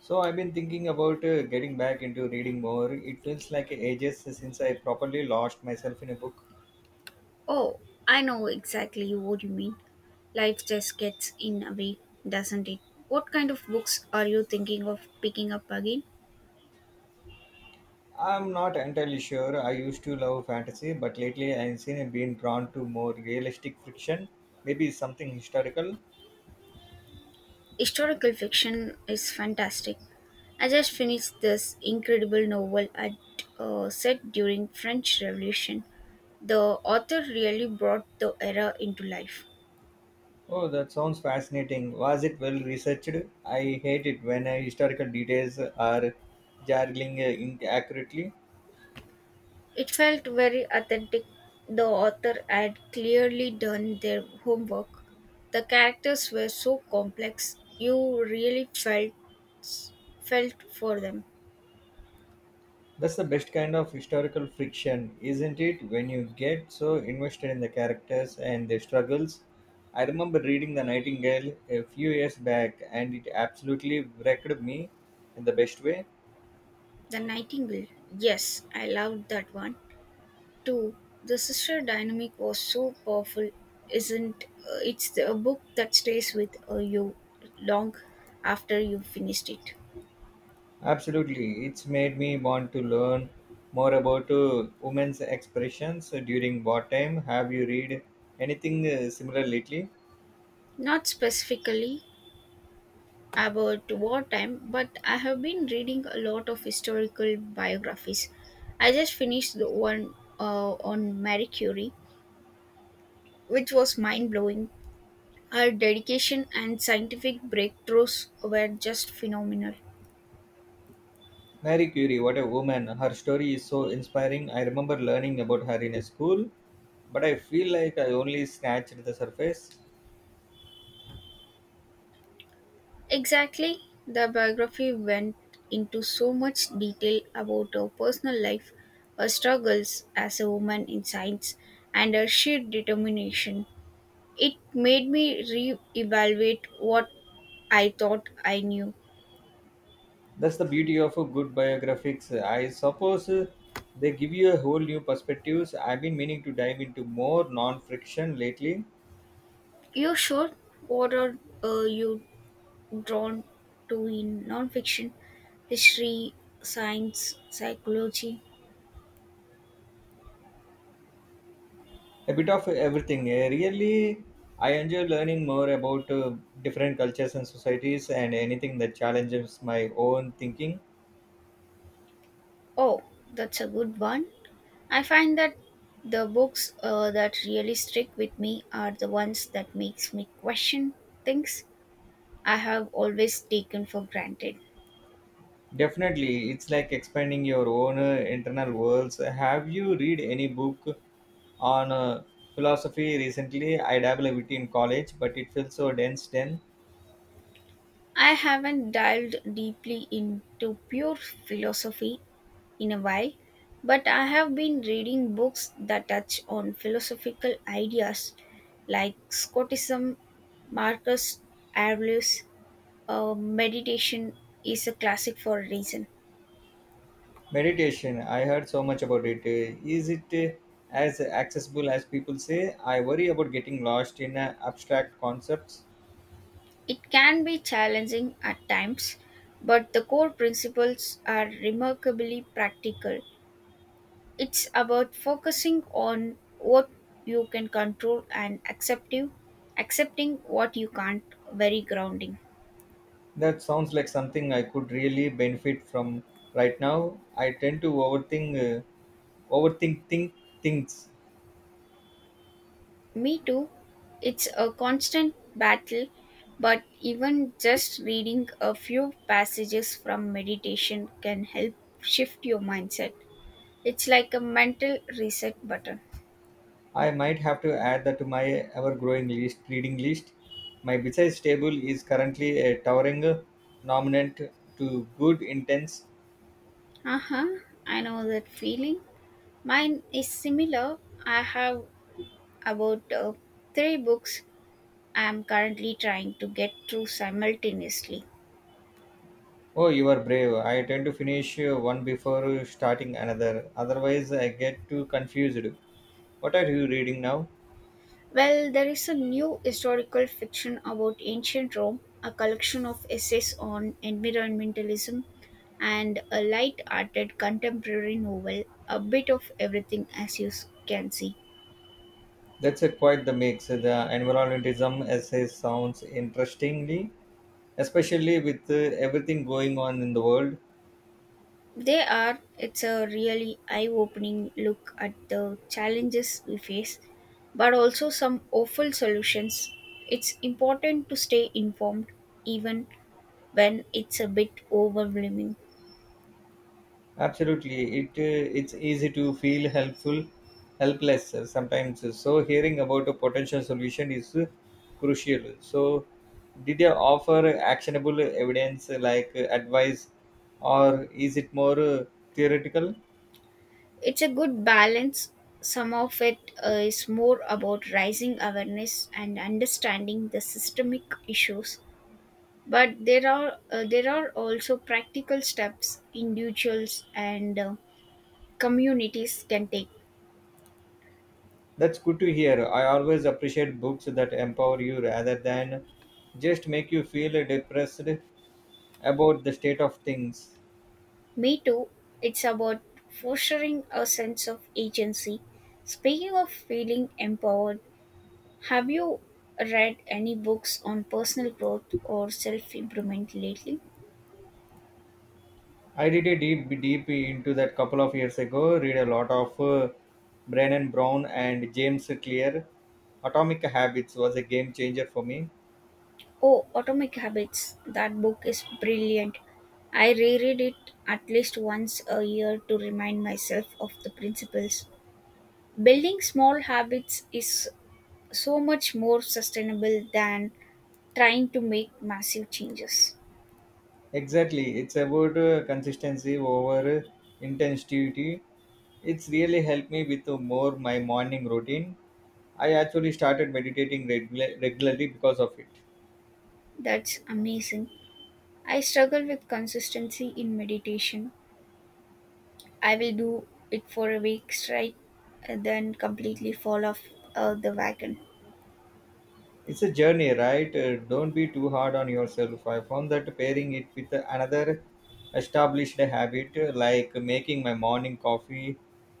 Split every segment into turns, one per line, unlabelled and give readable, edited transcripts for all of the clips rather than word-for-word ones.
So I've been thinking about getting back into reading more. It feels like ages since I properly lost myself in a book.
Oh, I know exactly what you mean. Life just gets in the way, doesn't it? What kind of books are you thinking of picking up again?
I'm not entirely sure. I used to love fantasy, but lately I've been drawn to more realistic fiction, maybe something historical.
Historical fiction is fantastic. I just finished this incredible novel at set during French Revolution. The author really brought the era into life.
Oh, that sounds fascinating. Was it well researched? I hate it when historical details are jargling inaccurately.
It felt very authentic. The author had clearly done their homework. The characters were so complex. You really felt for them.
That's the best kind of historical fiction, isn't it? When you get so invested in the characters and their struggles. I remember reading The Nightingale a few years back and it absolutely wrecked me in the best way.
The Nightingale. Yes, I loved that one too. The sister dynamic was so powerful. Isn't it's the- a book that stays with you long after you finished it.
Absolutely, it's made me want to learn more about women's expressions during wartime. Have you read anything similar lately?
Not specifically about wartime, but I have been reading a lot of historical biographies. I just finished the one on Marie Curie, which was mind blowing. Her dedication and scientific breakthroughs were just phenomenal.
Mary Curie, what a woman. Her story is so inspiring. I remember learning about her in a school but I feel like I only scratched the surface.
Exactly, the biography went into so much detail about her personal life, her struggles as a woman in science, and her sheer determination. It made me re evaluate what I thought I knew.
That's the beauty of a good biographics. I suppose they give you a whole new perspectives. I've been meaning to dive into more non-friction lately,
You sure? What are you drawn to in nonfiction? History, science, psychology?
a bit of everything. Really, I enjoy learning more about different cultures and societies and anything that challenges my own thinking.
Oh, that's a good one. I find that the books that really stick with me are the ones that makes me question things I have always taken for granted.
Definitely, it's like expanding your own internal worlds. Have you read any book on philosophy recently. I dabble a bit in college, but it feels so dense then.
I haven't dived deeply into pure philosophy in a while, but I have been reading books that touch on philosophical ideas like Scotism, Marcus Aurelius. Meditation is a classic for a reason.
Meditation, I heard so much about it. Is it as accessible as people say? I worry about getting lost in abstract concepts.
It can be challenging at times, but the core principles are remarkably practical. It's about focusing on what you can control and accepting what you can't, very grounding.
That sounds like something I could really benefit from right now. I tend to think things.
Me too. It's a constant battle, but even just reading a few passages from meditation can help shift your mindset. It's like a mental reset button.
I might have to add that to my ever growing list reading list. My besides table is currently a towering nominant to good intense.
Uh huh, I know that feeling. Mine is similar. I have about three books I am currently trying to get through simultaneously.
Oh, you are brave. I tend to finish one before starting another. Otherwise, I get too confused. What are you reading now?
Well, there is a new historical fiction about ancient Rome, a collection of essays on environmentalism, and a light hearted contemporary novel, a bit of everything as can see.
That's a quite the mix. The environmentalism essay sounds interestingly, especially with everything going on in the world.
They are, it's a really eye opening look at the challenges we face, but also some awful solutions. It's important to stay informed even when it's a bit overwhelming.
Absolutely, it's easy to feel helpless sometimes. So hearing about a potential solution is crucial. So, did they offer actionable evidence like advice, or is it more theoretical?
It's a good balance. Some of it is more about raising awareness and understanding the systemic issues, but there are also practical steps individuals and communities can take.
That's good to hear. I always appreciate books that empower you rather than just make you feel depressed about the state of things.
Me too. It's about fostering a sense of agency. Speaking of feeling empowered, have you read any books on personal growth or self improvement lately?
I did a deep into that couple of years ago. Read a lot of Brennan Brown and James Clear. Atomic Habits was a game changer for me.
Oh, Atomic Habits. That book is brilliant. I reread it at least once a year to remind myself of the principles. Building small habits is so much more sustainable than trying to make massive changes.
Exactly, it's about consistency over intensity. It's really helped me with more my morning routine. I actually started meditating regularly because of it.
That's amazing. I struggle with consistency in meditation. I will do it for a week straight, and then completely fall off the wagon.
It's a journey, right? Don't be too hard on yourself. I found that pairing it with another established habit, like making my morning coffee,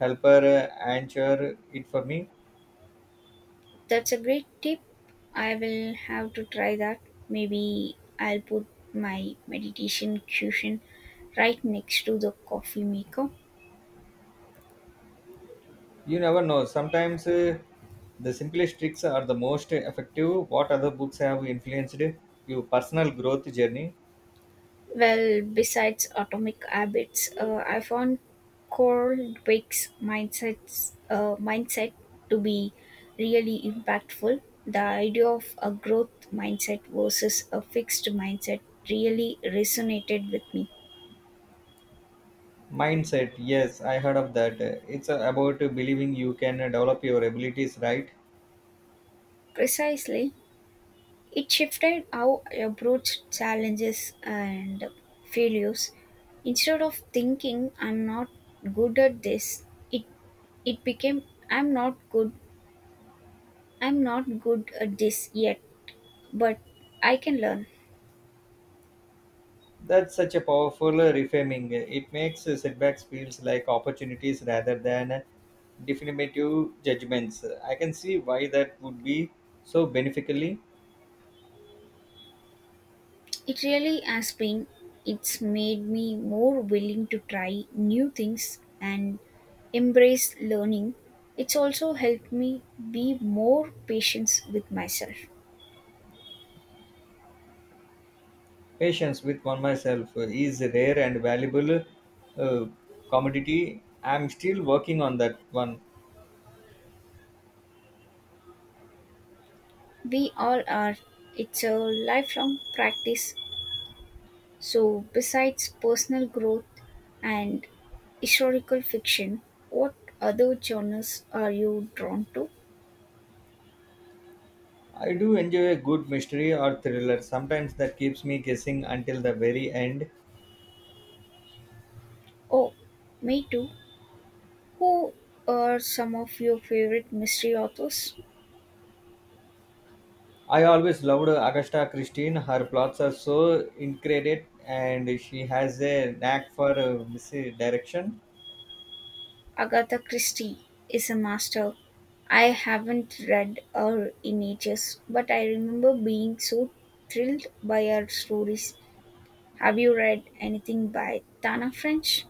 helper answer it for me.
That's a great tip. I will have to try that. Maybe I'll put my meditation cushion right next to the coffee maker.
You never know. Sometimes the simplest tricks are the most effective. What other books have influenced your personal growth journey?
Well, besides atomic habits, I found Cold Wake's mindset to be really impactful. The idea of a growth mindset versus a fixed mindset really resonated with me.
Mindset. Yes, I heard of that. It's about believing you can develop your abilities, right?
Precisely, it shifted how I approached challenges and failures. Instead of thinking I'm not good at this, it it became I'm not good I'm not good at this yet, but I can learn.
That's such a powerful reframing. It makes setbacks feels like opportunities rather than definitive judgments. I can see why that would be so beneficially.
It really has been, it's made me more willing to try new things and embrace learning. It's also helped me be more patient with myself.
Patience with one myself is a rare and valuable uh, commodity. I'm still working on that one.
We all are. It's a lifelong practice. So, besides personal growth and historical fiction, what other genres are you drawn to?
I do enjoy a good mystery or thriller. Sometimes that keeps me guessing until the very end.
Oh, me too. Who are some of your favorite mystery authors?
I always loved Agatha Christie. Her plots are so intricate, and she has a knack for misdirection.
Agatha Christie is a master. I haven't read her in ages, but I remember being so thrilled by her stories. Have you read anything by Tana French?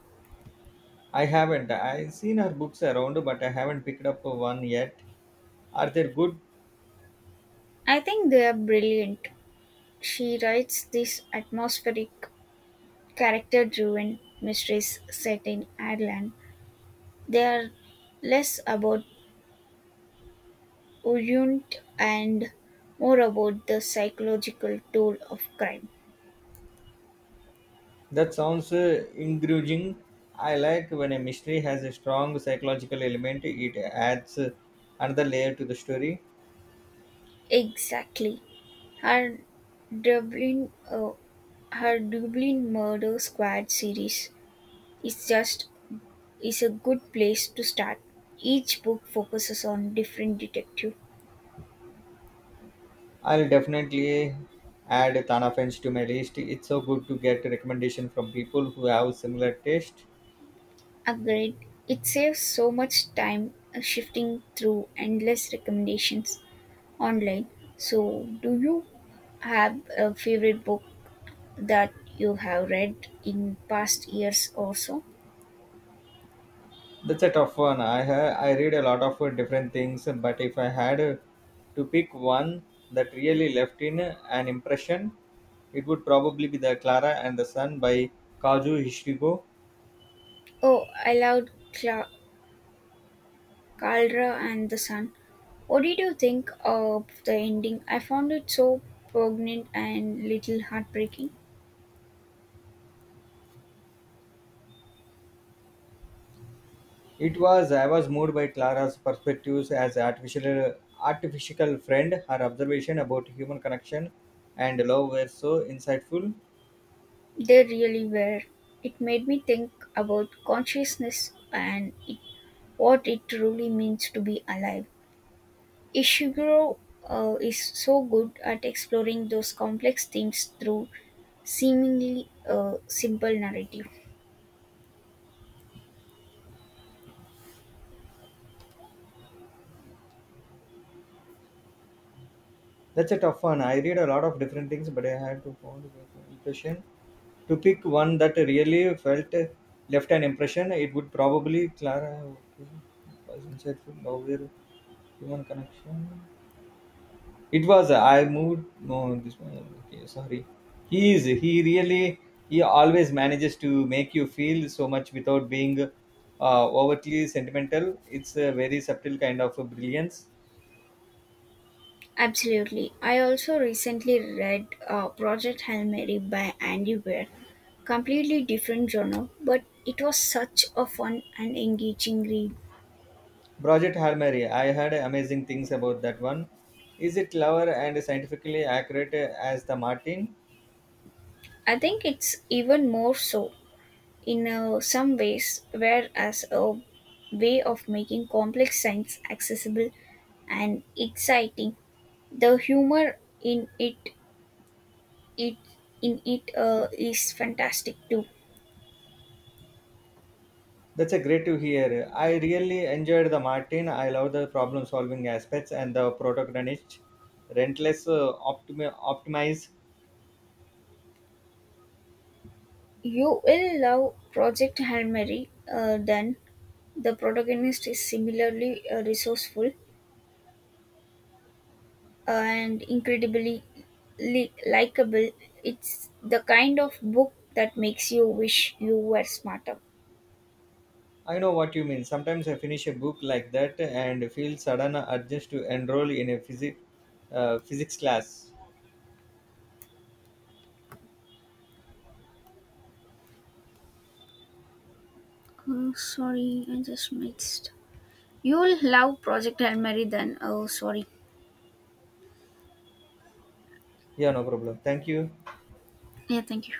I haven't. I've seen her books around, but I haven't picked up one yet. Are they good?
I think they are brilliant. She writes these atmospheric, character driven mysteries set in Ireland. They are less about Uyunt and more about the psychological toll of crime.
That sounds engaging. I like when a mystery has a strong psychological element. It adds another layer to the story.
Exactly. Her Dublin, uh, her Dublin Murder Squad series is just is a good place to start. Each book focuses on different detective.
I'll definitely add Tana French to my list. It's so good to get recommendation from people who have similar taste.
Agreed. It saves so much time shifting through endless recommendations online. So, do you have a favorite book that you have read in past years or so?
That's a tough one. I read a lot of different things, but if I had to pick one that really left in an impression, it would probably be the Clara and the Sun by Kazu Hishigo.
Oh, I Caldera and the Sun. What did you think of the ending? I found it so poignant and little heartbreaking.
It was I was moved by Clara's perspectives as artificial friend. Her observation about human connection and love were so insightful.
They really were. It made me think about consciousness and it what it truly means to be alive. Ishiguro is so good at exploring those complex themes through seemingly simple narrative.
That's a tough one. I read a lot of different things, but I had to found an impression. To pick one that really felt left an impression, it would probably Clara okay, was insightful, aware, human connection. It was I moved no this one okay sorry. He really he always manages to make you feel so much without being overtly sentimental. It's a very subtle kind of brilliance.
Absolutely. I also recently read Project Hail Mary by Andy Weir. Completely different genre, but it was such a fun and engaging read.
Project Hail Mary, I heard amazing things about that one. Is it clever and scientifically accurate as the Martin?
I think it's even more so in some ways, were as a way of making complex science accessible and exciting. The humor it in it is fantastic too.
That's a great to hear. I really enjoyed the Martin. I love the problem solving aspects and the protagonist rentless optimize.
You will love Project Hail Mary. Then the protagonist is similarly resourceful and incredibly likable. It's the kind of book that makes you wish you were smarter.
I know what you mean. Sometimes I finish a book like that and feel sudden urge to enroll in a physics class.
Oh, sorry, I just mixed. You'll love Project Hail Mary then. Oh, sorry.
Yeah, no problem. Thank you.
Yeah, thank you.